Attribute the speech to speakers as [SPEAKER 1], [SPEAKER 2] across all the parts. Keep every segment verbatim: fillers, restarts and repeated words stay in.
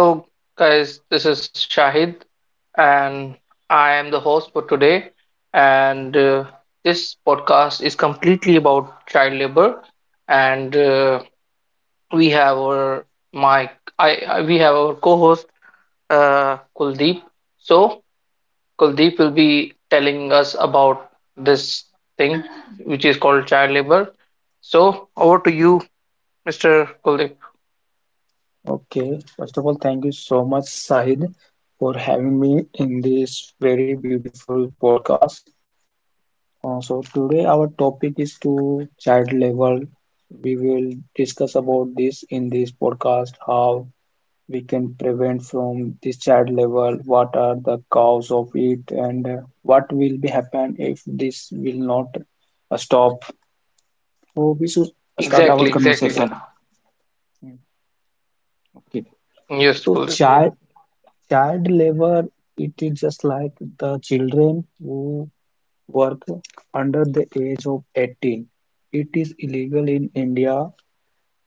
[SPEAKER 1] Hello, guys. This is Shahid, and I am the host for today. And uh, this podcast is completely about child labor. And uh, we have our my I, I We have our co-host, uh, Kuldeep. So Kuldeep will be telling us about this thing, which is called child labor. So over to you, Mister Kuldeep.
[SPEAKER 2] Okay, first of all, thank you so much, Sahid, for having me in this very beautiful podcast. Uh, so today our topic is to child level. We will discuss about this in this podcast, how we can prevent from this child level, what are the cause of it, and uh, what will be happen if this will not uh, stop. So we should start our
[SPEAKER 1] Exactly, exactly.
[SPEAKER 2] conversation. Okay.
[SPEAKER 1] Yes,
[SPEAKER 2] So yeah.
[SPEAKER 1] Kuldeep.
[SPEAKER 2] child child labor, it is just like the children who work under the age of eighteen. It is illegal in India,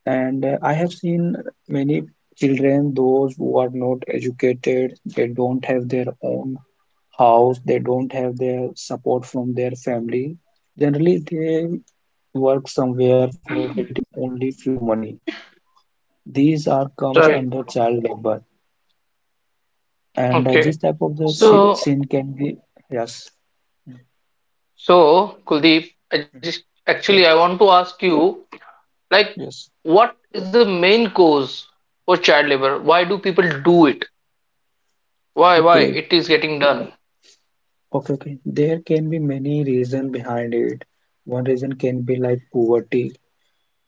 [SPEAKER 2] and uh, I have seen many children, those who are not educated, they don't have their own house, they don't have their support from their family. Generally, they work somewhere for getting only few money. These are comes
[SPEAKER 1] Sorry.
[SPEAKER 2] under child labor, and uh, this
[SPEAKER 1] Okay.
[SPEAKER 2] type of the si-
[SPEAKER 1] So,
[SPEAKER 2] sin can be yes.
[SPEAKER 1] so Kuldeep, I
[SPEAKER 2] Mhm.
[SPEAKER 1] just
[SPEAKER 2] Yeah.
[SPEAKER 1] actually I want to ask you, like,
[SPEAKER 2] Yes.
[SPEAKER 1] what is the main cause for child labor? Why do people do it? Why, why
[SPEAKER 2] Okay.
[SPEAKER 1] it is getting done?
[SPEAKER 2] Okay. Okay. There can be many reasons behind it. One reason can be like poverty,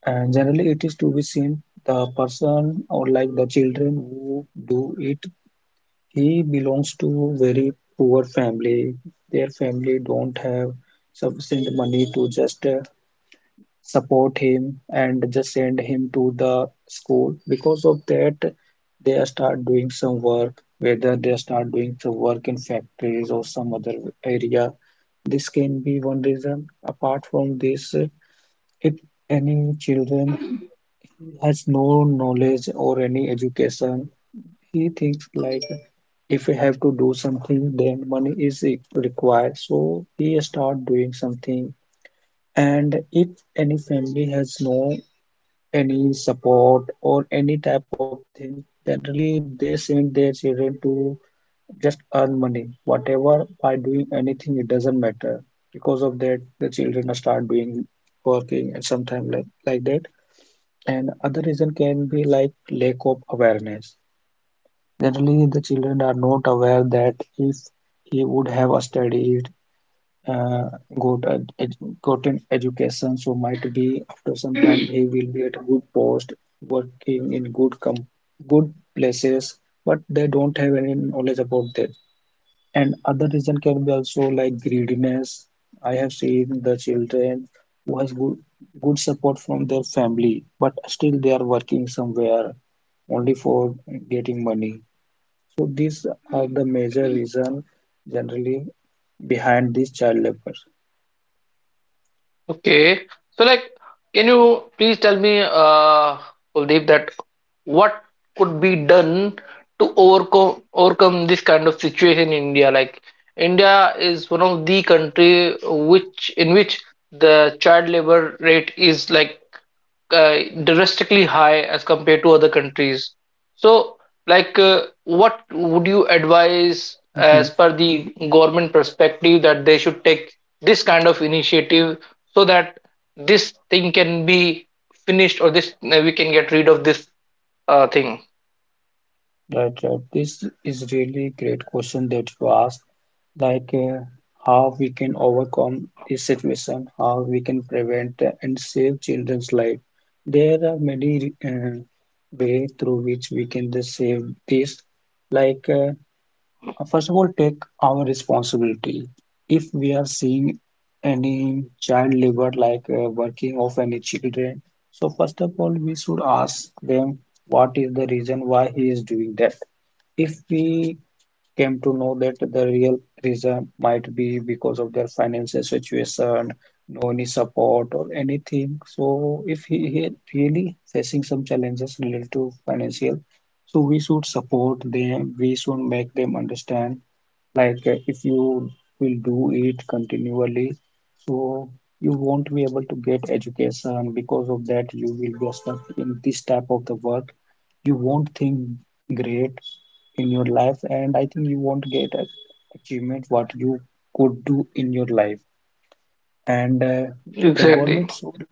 [SPEAKER 2] and generally it is to be seen the person or like the children who do it, he belongs to very poor family. Their family don't have sufficient money to just uh, support him and just send him to the school. Because of that they start doing some work, whether they start doing some work in factories or some other area. This can be one reason. Apart from this, if any children has no knowledge or any education, he thinks like if we have to do something then money is e- required, so he start doing something. And if any family has no any support or any type of thing. Generally, they send their children to just earn money, whatever by doing anything, it doesn't matter. Because of that, the children start doing working and sometimes like, like that. And other reason can be like lack of awareness. Generally, the children are not aware that if he would have a study, uh, good ed ed- gotten education, so might be after some time he will be at a good post, working in good com good places, but they don't have any knowledge about that. And other reason can be also like greediness. I have seen the children who has good good support from their family but still they are working somewhere only for getting money. So these are the major reason generally behind this child labor.
[SPEAKER 1] Okay. So, like, can you please tell me, uh, Kuldeep, that what could be done to overcome overcome this kind of situation in India? Like, India is one of the country which in which the child labor rate is, like, uh, drastically high as compared to other countries. So, like, uh, what would you advise
[SPEAKER 2] Mhm.
[SPEAKER 1] as per the government perspective that they should take this kind of initiative so that this thing can be finished, or this uh, we can get rid of this uh, thing?
[SPEAKER 2] Right, right. This is really great question that you asked. Like uh, how we can overcome this situation, how we can prevent and save children's life. There are many uh, way through which we can just save this. Like uh, first of all, take our responsibility. If we are seeing any child labor, like uh, working of any children, so first of all, we should ask them what is the reason why he is doing that. If we came to know that the real reason might be because of their financial situation, no any support or anything. So if he, he really facing some challenges related to financial, so we should support them. We should make them understand. Like uh, if you will do it continually, so you won't be able to get education because of that you will be stuck in this type of the work. You won't think great in your life and I think you won't get a achievement what you could do in your life. And uh, the
[SPEAKER 1] Exactly.
[SPEAKER 2] government should,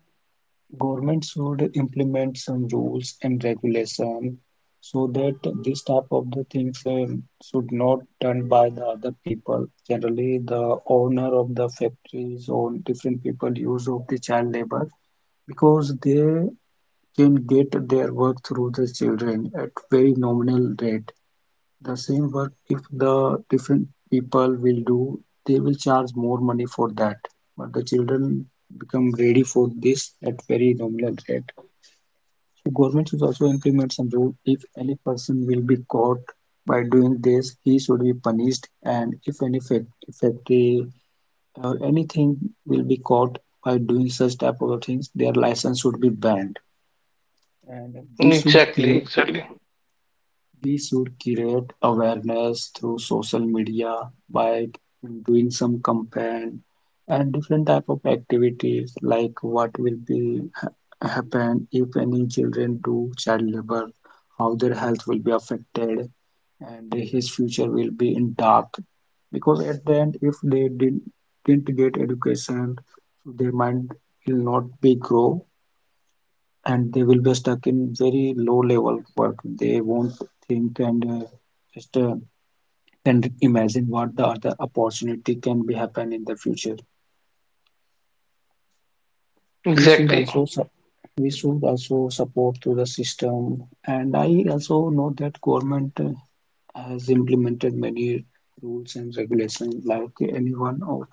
[SPEAKER 2] government should implement some rules and regulation so that this type of the things um, should not done by the other people. Generally the owner of the factories or different people use of the child labor because they can get their work through the children at very nominal rate. The same work if the different people will do, they will charge more money for that. But the children become ready for this at very nominal rate. So government should also implement some rule. If any person will be caught by doing this, he should be punished. And if any fac- factory or anything will be caught by doing such type of things, their license should be banned. And we should
[SPEAKER 1] Exactly.
[SPEAKER 2] create.
[SPEAKER 1] Exactly.
[SPEAKER 2] We should create awareness through social media by doing some campaign and different type of activities, like what will be happen if any children do child labor, how their health will be affected, and his future will be in dark. Because at the end, if they didn't, didn't get education, so their mind will not be grow and they will be stuck in very low level work. They won't think and uh, just uh, can imagine what the other opportunity can be happen in the future. We should
[SPEAKER 1] Exactly.
[SPEAKER 2] also su- we should also support to the system. And I also know that government uh, has implemented many rules and regulations, like anyone or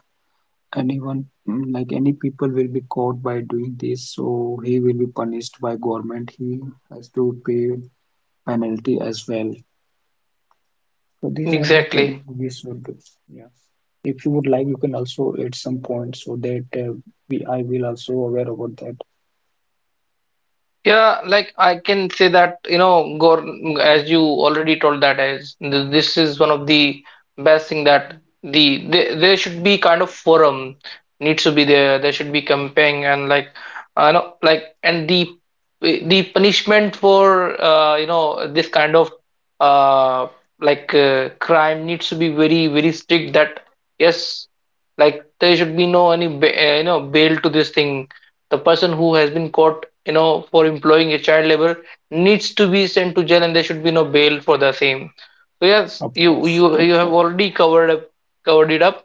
[SPEAKER 2] anyone mm, like any people will be caught by doing this, so he will be punished by government. He has to pay penalty as well. So these are the
[SPEAKER 1] Exactly.
[SPEAKER 2] things we should do. Yeah. If you would like, you can also add some points so that uh, we I will also aware about that.
[SPEAKER 1] Yeah, like I can say that, you know, Gor, as
[SPEAKER 2] Mm.
[SPEAKER 1] you already told, that is th- this is one of the best thing, that the, the there should be kind of forum needs to be there. There should be campaign, and, like, I know, like, and the the punishment for uh, you know this kind of, uh like, uh, crime needs to be very, very strict, that yes, like, there should be no any ba- uh, you know bail to this thing. The person who has been caught, you know, for employing a child labor, needs to be sent to jail, and there should be no bail for the same. So yes,
[SPEAKER 2] Of
[SPEAKER 1] you
[SPEAKER 2] course.
[SPEAKER 1] you you have already covered up, covered it up.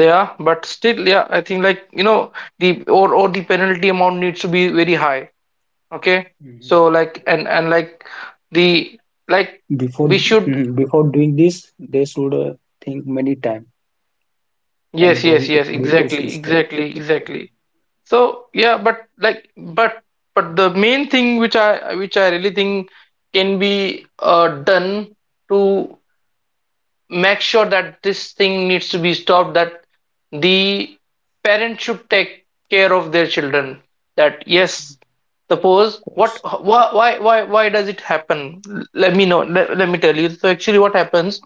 [SPEAKER 1] Yeah, but still, yeah, I think, like, you know, the, or or the penalty amount needs to be very high. Okay.
[SPEAKER 2] Mhm.
[SPEAKER 1] So, like, and and like the, like
[SPEAKER 2] Before
[SPEAKER 1] we should...
[SPEAKER 2] mhm, before doing this, they should uh, think many time
[SPEAKER 1] Yes,
[SPEAKER 2] and
[SPEAKER 1] yes,
[SPEAKER 2] don't
[SPEAKER 1] yes,
[SPEAKER 2] commit
[SPEAKER 1] exactly,
[SPEAKER 2] this mistake.
[SPEAKER 1] exactly,
[SPEAKER 2] Mhm.
[SPEAKER 1] exactly.
[SPEAKER 2] Of
[SPEAKER 1] So yeah, but like but but the main thing, which I, which I really think can be uh, done to make sure that this thing needs to be stopped, that the parents should take care of their children, that yes, suppose, what
[SPEAKER 2] course.
[SPEAKER 1] wh- why why why, why does it happen? Let me know let, let me tell you, so actually what happens,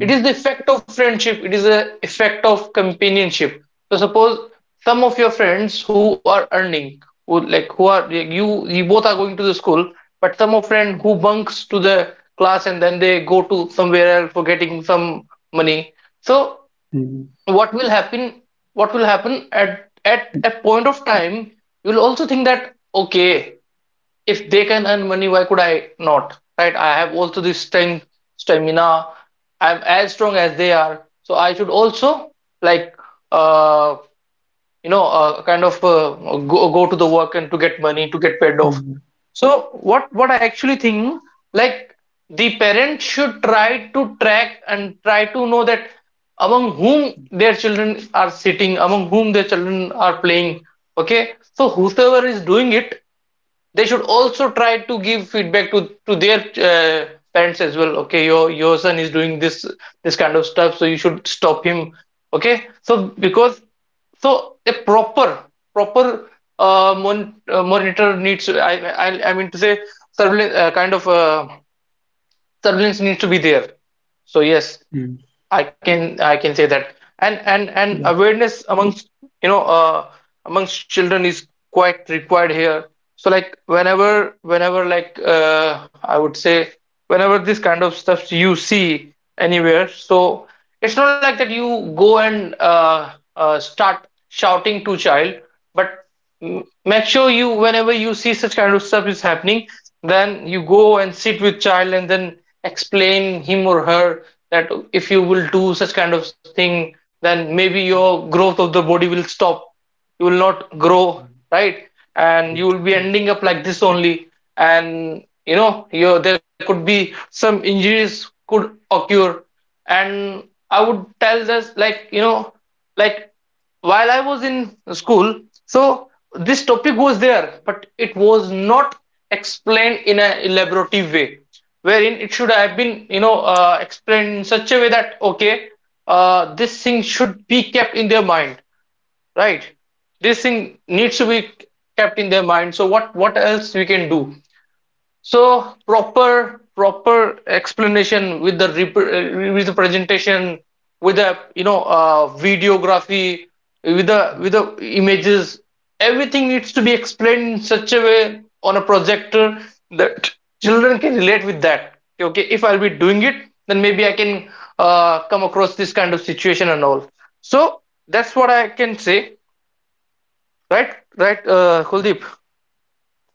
[SPEAKER 1] it is the effect of friendship, it is the effect of companionship. So suppose some of your friends who are earning, who like, who are like, you you both are going to the school, but some of friend who bunks to the class and then they go to somewhere else for getting some money. So
[SPEAKER 2] Mhm.
[SPEAKER 1] what will happen, what will happen at at a point of time, you will also think that, okay, if they can earn money, why could I not? Right? I have also this strength, stamina. I'm as strong as they are, so I should also, like, uh, you know uh, kind of uh, go go to the work and to get money to get paid off.
[SPEAKER 2] Mhm.
[SPEAKER 1] So what what I actually think, like, the parent should try to track and try to know that among whom their children are sitting, among whom their children are playing. Okay, so whosoever is doing it, they should also try to give feedback to to their, uh, parents as well. Okay, your your son is doing this, this kind of stuff, so you should stop him. Okay, so, because, so a proper, proper, uh, mon- uh, monitor needs, I, I i mean to say surveillance, uh, kind of uh, surveillance needs to be there. So yes,
[SPEAKER 2] Mhm.
[SPEAKER 1] I can I can say that. And and and
[SPEAKER 2] Yeah.
[SPEAKER 1] awareness amongst, you know, uh amongst children is quite required here. So like, whenever, whenever, like, uh I would say, whenever this kind of stuff you see anywhere, so it's not like that you go and uh, uh start shouting to child, but m- make sure you, whenever you see such kind of stuff is happening, then you go and sit with child and then explain him or her that if you will do such kind of thing, then maybe your growth of the body will stop, you will not
[SPEAKER 2] Mhm.
[SPEAKER 1] grow, right? and
[SPEAKER 2] Right.
[SPEAKER 1] you will be ending up like this only and you know, your, there could be some injuries could occur. And I would tell this, like, you know, like, while I was in school, so this topic was there, but it was not explained in an elaborative way, wherein it should have been, you know, uh, explained in such a way that, okay, uh, this thing should be kept in their mind, right? This thing needs to be kept in their mind. So what what else we can do? So proper, proper explanation with the rep- uh, with the presentation, with the, you know, uh, videography, with the,
[SPEAKER 2] Mhm.
[SPEAKER 1] with the images, everything needs to be explained in such a way on a projector, that children can relate with that. Okay, if I'll be doing it, then maybe I can, uh, come across this kind of situation and all. So that's what I can say, right, right, uh, Kuldeep.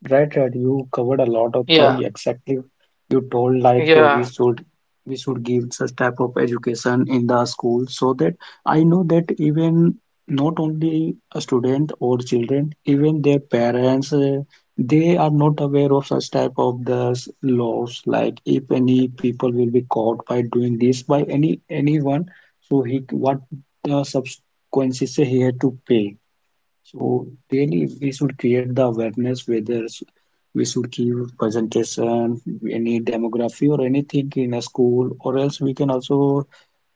[SPEAKER 2] Right, right. You covered a lot of
[SPEAKER 1] Yeah,
[SPEAKER 2] things. Exactly. You told like uh, we
[SPEAKER 1] yeah.
[SPEAKER 2] should, we should give such type of education in the school. So that I know that even not only a student or children, even their parents, uh, they are not aware of such type of the s- laws. Like if any people will be caught by doing this by any anyone, so he what the consequences he had to pay. So really, we should create the awareness, whether s- we should give presentation, any demography or anything in a school, or else we can also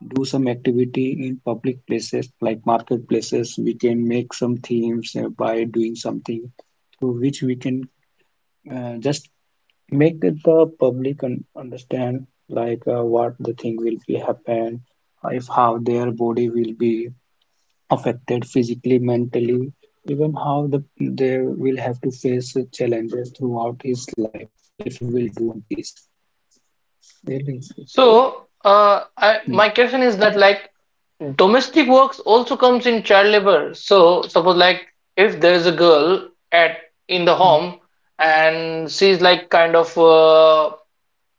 [SPEAKER 2] do some activity in public places like marketplaces. We can make some themes uh, by doing something through which we can uh, just make it the public un understand like uh, what the thing will be happen, if how their body will be affected physically, mentally, even how the, they will have to face challenges throughout his life if he will do this. Really.
[SPEAKER 1] So, uh, I,
[SPEAKER 2] Hmm.
[SPEAKER 1] my question is that, like, domestic works also comes in child labor. So, suppose, like, if there is a girl at, in the
[SPEAKER 2] Hmm.
[SPEAKER 1] home, and she's like kind of, uh,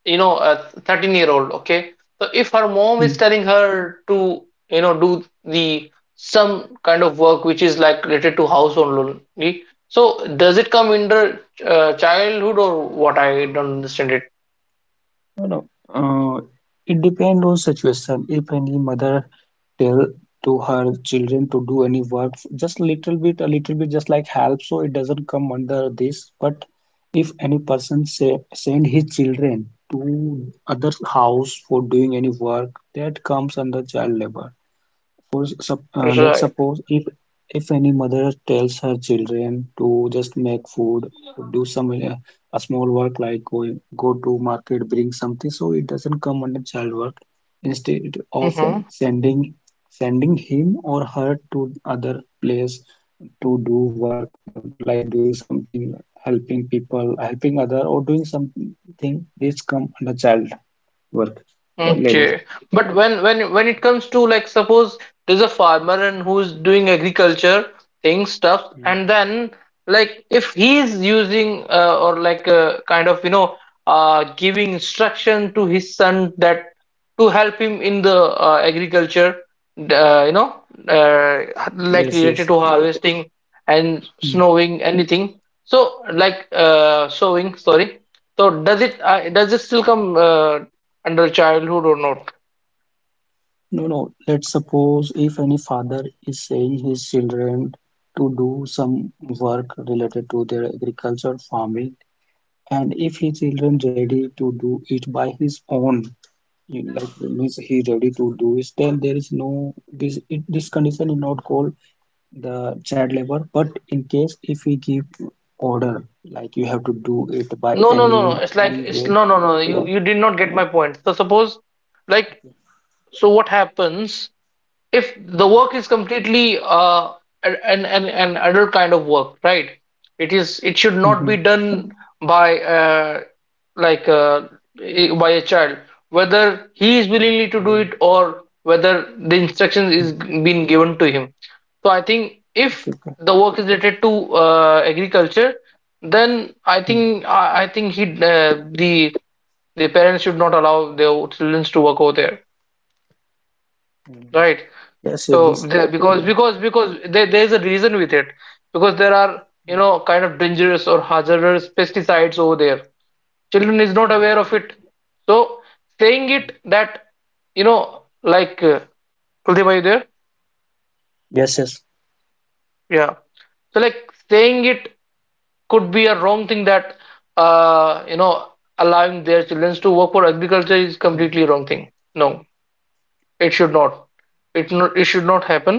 [SPEAKER 1] you know, a thirteen-year-old, okay. So if her mom is
[SPEAKER 2] Hmm.
[SPEAKER 1] telling her to, you know, do the some kind of work which is like related to household only, so does it come under uh, childhood or what? I don't understand it.
[SPEAKER 2] No, no. Uh, it depends on situation. If any mother tell to her children to do any work, just little bit, a little bit, just like help, so it doesn't come under this. But if any person say send his children to other house for doing any work, that comes under child labor. For sup- uh, let's
[SPEAKER 1] Right.
[SPEAKER 2] suppose if if any mother tells her children to just make food or do some uh, a small work like going go to market bring something, so it doesn't come under child work. Instead of sending sending him or her to other place to do work uh, like doing something, helping people, helping other or doing something, this come under child work labor.
[SPEAKER 1] Okay, but when when when it comes to, like, suppose there's a farmer, and who's doing agriculture thing stuff,
[SPEAKER 2] Mm.
[SPEAKER 1] and then, like, if he's using, uh, or like, uh, kind of, you know, uh, giving instruction to his son, that to help him in the, uh, agriculture, uh, you know, uh, like
[SPEAKER 2] Yes,
[SPEAKER 1] related
[SPEAKER 2] yes.
[SPEAKER 1] to harvesting and
[SPEAKER 2] Mm.
[SPEAKER 1] snowing anything. So like, uh, sowing, sorry. So does it, uh, does it still come Uh, under childhood or not?
[SPEAKER 2] No, no. Let's suppose if any father is saying his children to do some work related to their agriculture, farming, and if his children ready to do it by his own, you know, like means he ready to do it, then there is no this it, this condition is not called the child labor. But in case if we give order, like you have to do it by
[SPEAKER 1] No, no, no,
[SPEAKER 2] any
[SPEAKER 1] no. It's
[SPEAKER 2] any
[SPEAKER 1] like
[SPEAKER 2] way,
[SPEAKER 1] it's, no, no, no.
[SPEAKER 2] then.
[SPEAKER 1] You you did not get my point. So suppose, like,
[SPEAKER 2] Okay.
[SPEAKER 1] so what happens? If the work is completely uh, an, an, an adult kind of work, right? It is, it should not
[SPEAKER 2] Mhm.
[SPEAKER 1] be done by, uh, like, uh, by a child, whether he is willingly to do
[SPEAKER 2] Okay.
[SPEAKER 1] it or whether the instruction
[SPEAKER 2] Mm-hmm.
[SPEAKER 1] is being given to him. So I think
[SPEAKER 2] Okay.
[SPEAKER 1] if
[SPEAKER 2] Okay.
[SPEAKER 1] the work is related to, uh, agriculture, then I think i, I think he uh, the the parents should not allow their children to work over there,
[SPEAKER 2] Hmm.
[SPEAKER 1] right?
[SPEAKER 2] Yes, yes, this.
[SPEAKER 1] So there,
[SPEAKER 2] Mm,
[SPEAKER 1] because because because there, there is a reason with it, because there are,
[SPEAKER 2] mm,
[SPEAKER 1] you know, kind of dangerous or hazardous pesticides over there. Children is not
[SPEAKER 2] right,
[SPEAKER 1] aware
[SPEAKER 2] right.
[SPEAKER 1] of it. So saying
[SPEAKER 2] Mm,
[SPEAKER 1] it that, you know, like, uh, Kuldeep, are you there?
[SPEAKER 2] yes, yes,
[SPEAKER 1] Yeah. So like, saying it could be a wrong thing that, uh, you know, allowing their children to work for agriculture is
[SPEAKER 2] mm,
[SPEAKER 1] completely wrong thing. No, it should not. It not, it should not happen.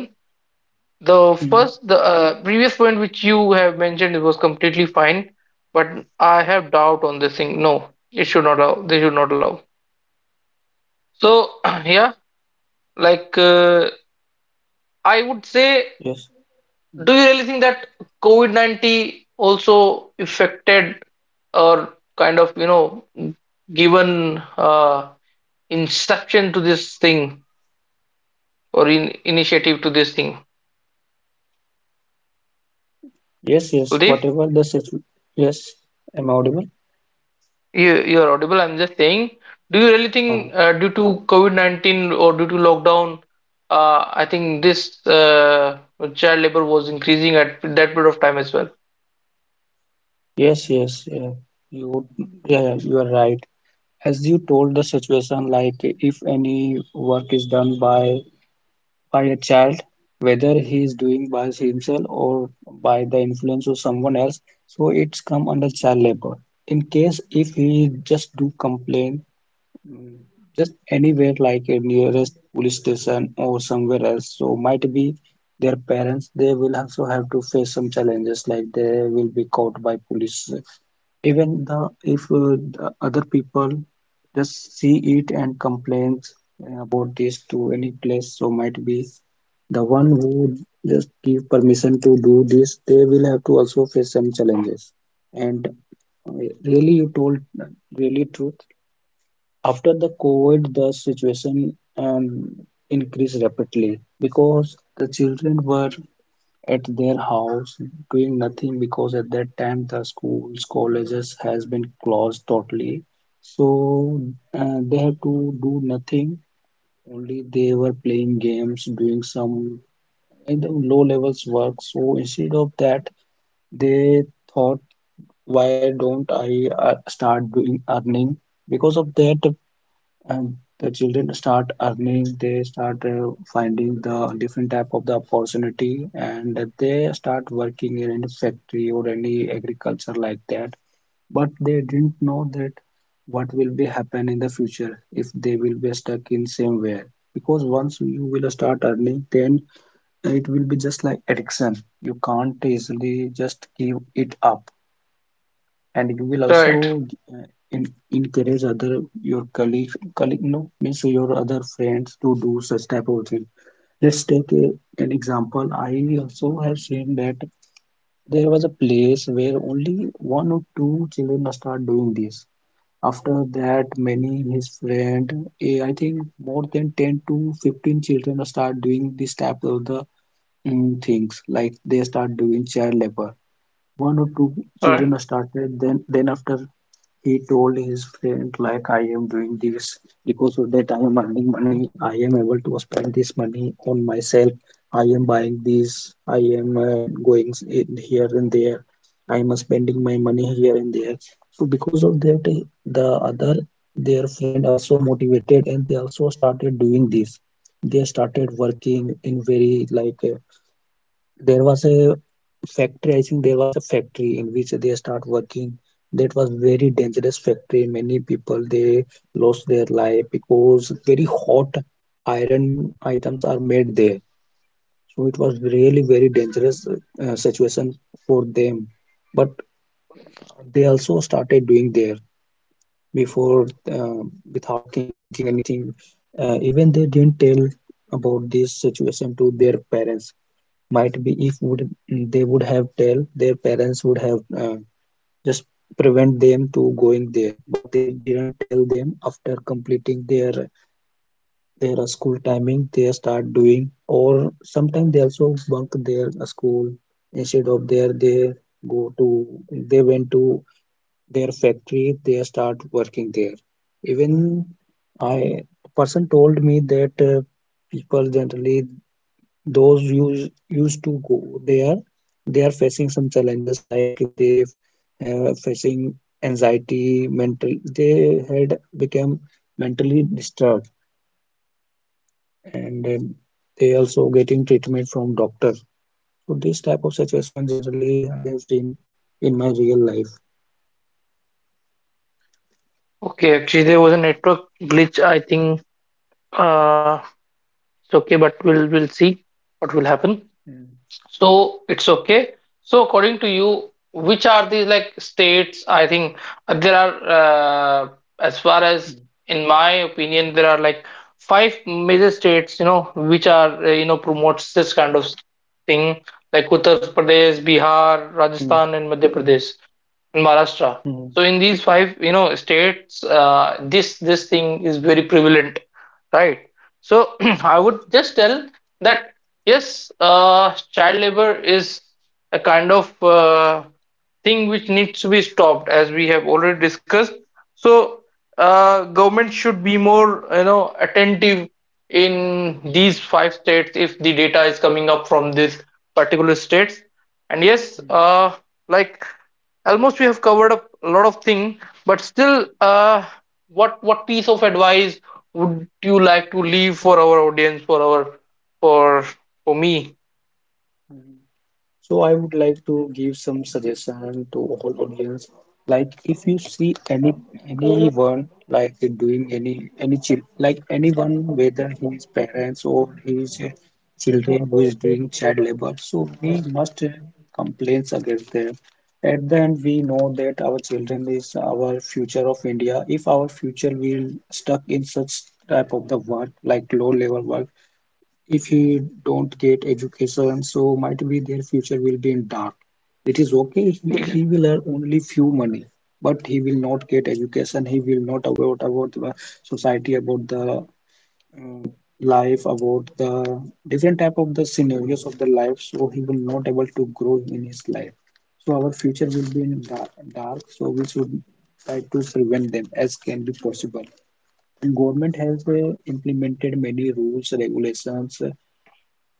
[SPEAKER 1] The
[SPEAKER 2] mm,
[SPEAKER 1] first, the, uh, previous point which you have mentioned, it was completely fine, but I have doubt on this thing. No, it should not allow. They should not allow. So yeah, like, uh, I would say,
[SPEAKER 2] yes, mm.
[SPEAKER 1] do you really think that COVID nineteen also affected or kind of, you know, given, uh, instruction to this thing or in initiative to this thing,
[SPEAKER 2] Yes, yes.
[SPEAKER 1] Kuldeep?
[SPEAKER 2] Whatever the situ- yes, am I audible?
[SPEAKER 1] You you are audible. I'm just saying, do you really
[SPEAKER 2] Uh,
[SPEAKER 1] think, uh, due to COVID nineteen or due to lockdown, uh, I think this, uh, child labor was increasing at that period of time as well.
[SPEAKER 2] Yes, yes, yeah. You, yeah, yeah, you are right. As you told the situation, like if any work is done by by a child, whether he is doing by himself or by the influence of someone else, so it's come under child labor. In case if he just do complain. Mm, just anywhere like a nearest police station or somewhere else. So might be their parents, they will also have to face some challenges like they will be caught by police. Even the if uh, the other people just see it and complains uh, about this to any place, so might be the one who just give permission to do this, they will have to also face some challenges. And uh, really, you told uh, really truth. After the COVID, the situation um, increased rapidly because the children were at their house doing nothing because at that time the schools, colleges has been closed totally. So uh, they have to do nothing. Only they were playing games, doing some kind of low levels work. So instead of that, they thought, why don't I uh, start doing earning? Because of that, and the children start earning, they start uh, finding the different type of the opportunity, and they start working in any factory or any agriculture like that, but they didn't know that what will be happen in the future if they will be stuck in same way, because once you will start earning, then it will be just like addiction. You can't easily just give it up, and you will
[SPEAKER 1] Right.
[SPEAKER 2] also uh, en- encourage other your colleagues colleague, no means your other friends, to do such type of thing. Let's take a, an example. I also have seen that there was a place where only one or two children start doing this. After that, many his friend, eh, I think more than ten to fifteen children start doing this type of the mm, things, like they start doing child labor. One or two
[SPEAKER 1] All right.
[SPEAKER 2] children started, then then after he told his friend, like, I am doing this, because of that I am earning money. I am able to spend this money on myself. I am buying this. I am uh, going in here and there. I am spending my money here and there. So because of that, eh, the other their friend also motivated, and they also started doing this. They started working in very like uh, there was a factory, I think there was a factory in which they start working. That was very dangerous factory. Many people they lost their life because very hot iron items are made there. So it was really very dangerous uh, situation for them. But they also started doing there before uh, without thinking anything, uh, even they didn't tell about this situation to their parents. Might be if would they would have tell their parents would have uh, just prevent them to going there, but they didn't tell them. After completing their their uh, school timing, they start doing, or sometimes they also bunk their uh, school. Instead of there they go to, they went to their factory, they start working there. Even I, a person told me that uh, people generally those used used to go there, they are facing some challenges like they uh, facing anxiety, mental, they had become mentally disturbed. And um, they also getting treatment from doctor. So this type of situation generally I have seen in my real life.
[SPEAKER 1] Okay, actually there was a network glitch. I think, uh, it's okay, but we'll we'll see what will happen.
[SPEAKER 2] Mm,
[SPEAKER 1] So it's okay. So according to you, which are these like states? I think, uh, there are, uh, as far as in my opinion, there are like five major states, you know, which are, uh, you know, promotes this kind of thing, like Uttar Pradesh, Bihar,
[SPEAKER 2] mm.
[SPEAKER 1] Rajasthan, and Madhya Pradesh, and Maharashtra.
[SPEAKER 2] Mm, mm.
[SPEAKER 1] So in these five, you know, states, uh, this, this thing is very prevalent, right? So I would
[SPEAKER 2] Right.
[SPEAKER 1] just tell that, yes, uh, child labor is a kind of, uh, thing which needs to be stopped, as we have already discussed. So, uh, government should be more, you know, attentive in these five states if the data is coming up from these particular states. And yes,
[SPEAKER 2] Mm,
[SPEAKER 1] uh, like almost we have covered up a lot of thing, but still, uh, what what piece of advice would you like to leave for our audience, for our, for for me,
[SPEAKER 2] mm. So I would like to give some suggestion to all audience. Like if you see any anyone like doing any any child, like anyone, whether his parents or his children who is doing child labor, so we must complaints against them. At the end, we know that our children is our future of India. If our future will stuck in such type of the work like low level work, if he don't get education, so might be their future will be in dark. It is okay, he, he will earn only few money, but he will not get education. He will not about about the society, about the uh, life, about the different type of the scenarios of the life, so he will not able to grow in his life. So our future will be in dark, dark. So we should try to prevent them as can be possible. And government has uh, implemented many rules regulations. uh,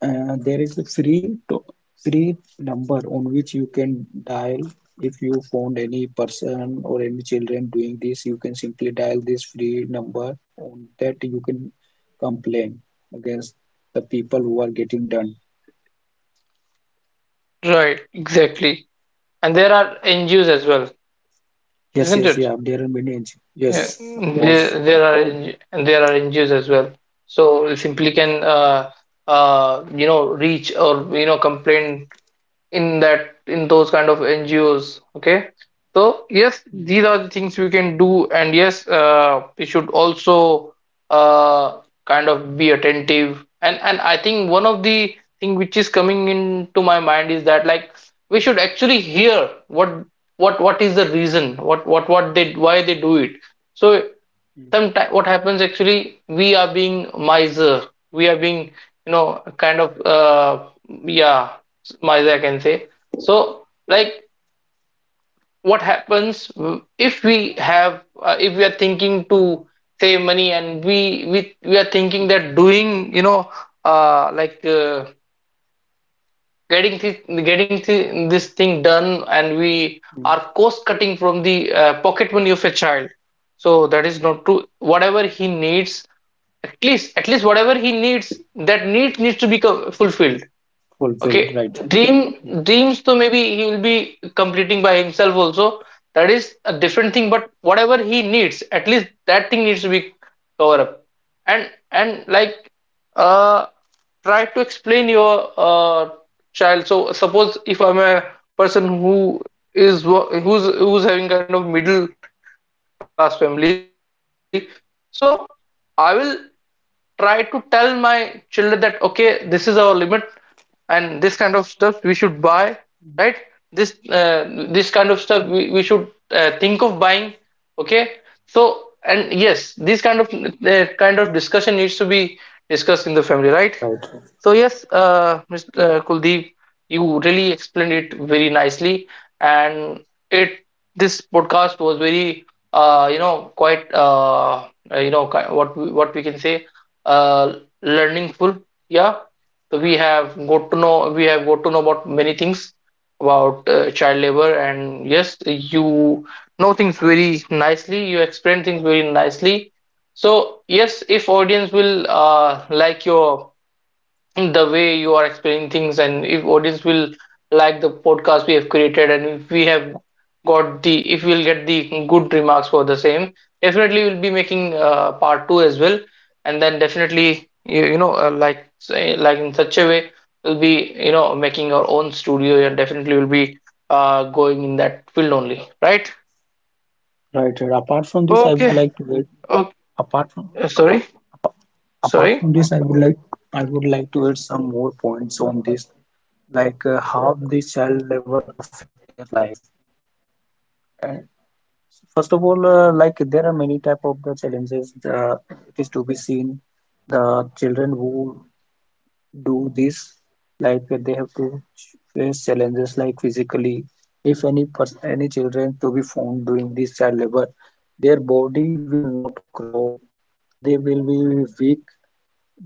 [SPEAKER 2] uh, There is a free to free number on which you can dial. If you found any person or any children doing this, you can simply dial this free number. On that you can complain against the people who are getting done.
[SPEAKER 1] right, exactly. And there are N G Os as well,
[SPEAKER 2] Yes,
[SPEAKER 1] isn't
[SPEAKER 2] yes,
[SPEAKER 1] it?
[SPEAKER 2] yeah, there are many ins- yes,
[SPEAKER 1] Yeah,
[SPEAKER 2] of course.
[SPEAKER 1] there, there are NG and there are N G Os as well. So we simply
[SPEAKER 2] Mm,
[SPEAKER 1] can uh, uh, you know reach or you know complain in that in those kind of N G Os. Okay, so yes,
[SPEAKER 2] mm,
[SPEAKER 1] these are the things we can do, and yes, uh, we should also uh, kind of be attentive. And and I think one of the thing which is coming into my mind is that like we
[SPEAKER 2] mm,
[SPEAKER 1] should actually hear what what what is the reason what what what they why they do it. So
[SPEAKER 2] mm,
[SPEAKER 1] sometimes what happens, actually we are being miser, we are being, you know kind of, uh yeah, miser, I can say. So like what happens, if we have uh, if we are thinking to save money, and we we, we are thinking
[SPEAKER 2] mm,
[SPEAKER 1] that doing, you know uh like, uh, getting thi- getting thi- this thing done, and we
[SPEAKER 2] mm.
[SPEAKER 1] are cost cutting from the uh, pocket money of a child. So that is not true. Whatever he needs, at least at least whatever he needs, that need needs to be co- fulfilled. Okay.
[SPEAKER 2] Fulfilled, right.
[SPEAKER 1] dream
[SPEAKER 2] Mm,
[SPEAKER 1] Dreams, so maybe he will be completing by himself also. That is a different thing, but whatever he needs, at least that thing needs to be covered up. And and like, uh try to explain your uh child. So suppose if I'm a person who is wo- who's who's having kind of middle class family. So I will try to tell my children that okay, this is our limit, and this kind of stuff we should buy, right? this uh,
[SPEAKER 2] mm.
[SPEAKER 1] this kind of stuff we, we should uh, think of buying. Okay, so and yes, this kind of uh, kind of discussion needs to be discussed in the family, right? So yes,
[SPEAKER 2] Right,
[SPEAKER 1] uh, Mister Kuldeep, you really explained it very nicely, and it this podcast was very uh, you know quite, uh, uh, you know ki- what we, what we can say, uh, learningful. Yeah, so we have got to know we have got to know about many things about uh, child labor. And yes, you know things very nicely. You explain things very nicely. So yes, if audience will uh, like your the way you are explaining things, and if audience will like the podcast we have created, and if we have got the if we'll get the good remarks for the same, definitely we'll be making uh, part two as well. And then definitely you, you know uh, like say, like in such a way we'll be you know making our own studio. And definitely we'll be uh, going in that field only, right?
[SPEAKER 2] right, right. Apart from this, I would
[SPEAKER 1] Okay.
[SPEAKER 2] like to add.
[SPEAKER 1] Okay.
[SPEAKER 2] Apart from
[SPEAKER 1] Sorry.
[SPEAKER 2] apart
[SPEAKER 1] Sorry.
[SPEAKER 2] from this, i would like i would like to add some more points on this. Like uh, how this child labor affect their life. First of all, uh, like there are many type of the challenges, uh, it is to be seen, the children who do this, like uh, they have to face challenges like physically. If any person any children to be found doing this child labor, their body will not grow. They will be weak.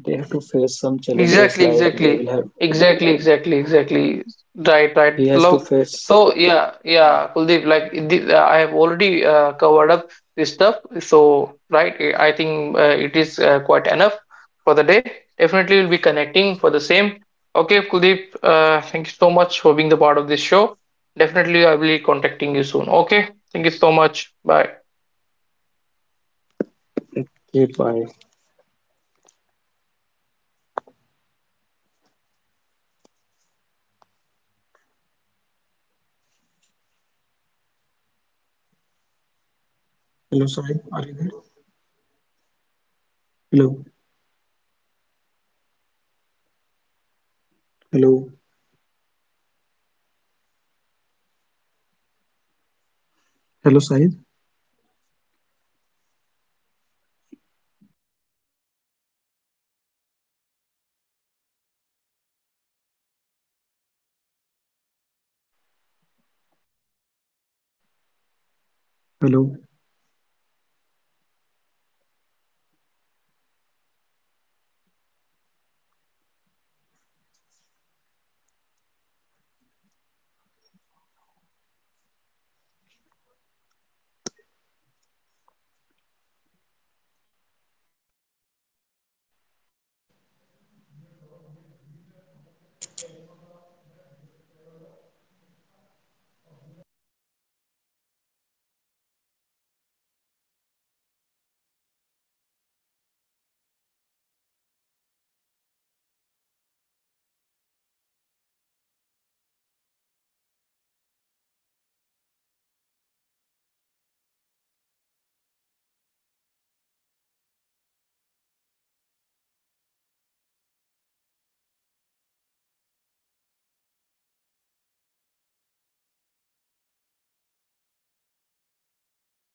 [SPEAKER 2] They have to face some challenges
[SPEAKER 1] Exactly,
[SPEAKER 2] like they
[SPEAKER 1] exactly,
[SPEAKER 2] will have.
[SPEAKER 1] exactly, exactly, exactly. Right, right.
[SPEAKER 2] He has to
[SPEAKER 1] Look,
[SPEAKER 2] face
[SPEAKER 1] so yeah, yeah, Kuldeep, like the, uh, I have already uh, covered up this stuff. So, right, I I think uh, it is uh, quite enough for the day. Definitely, we'll be connecting for the same. Okay, Kuldeep, uh, thank you so much for being the part of this show. Definitely, I will be contacting you soon. Okay, thank you so much. Bye.
[SPEAKER 2] it by. Hello, Sahib. Are you there? Hello, hello, hello, Sahib. Hello.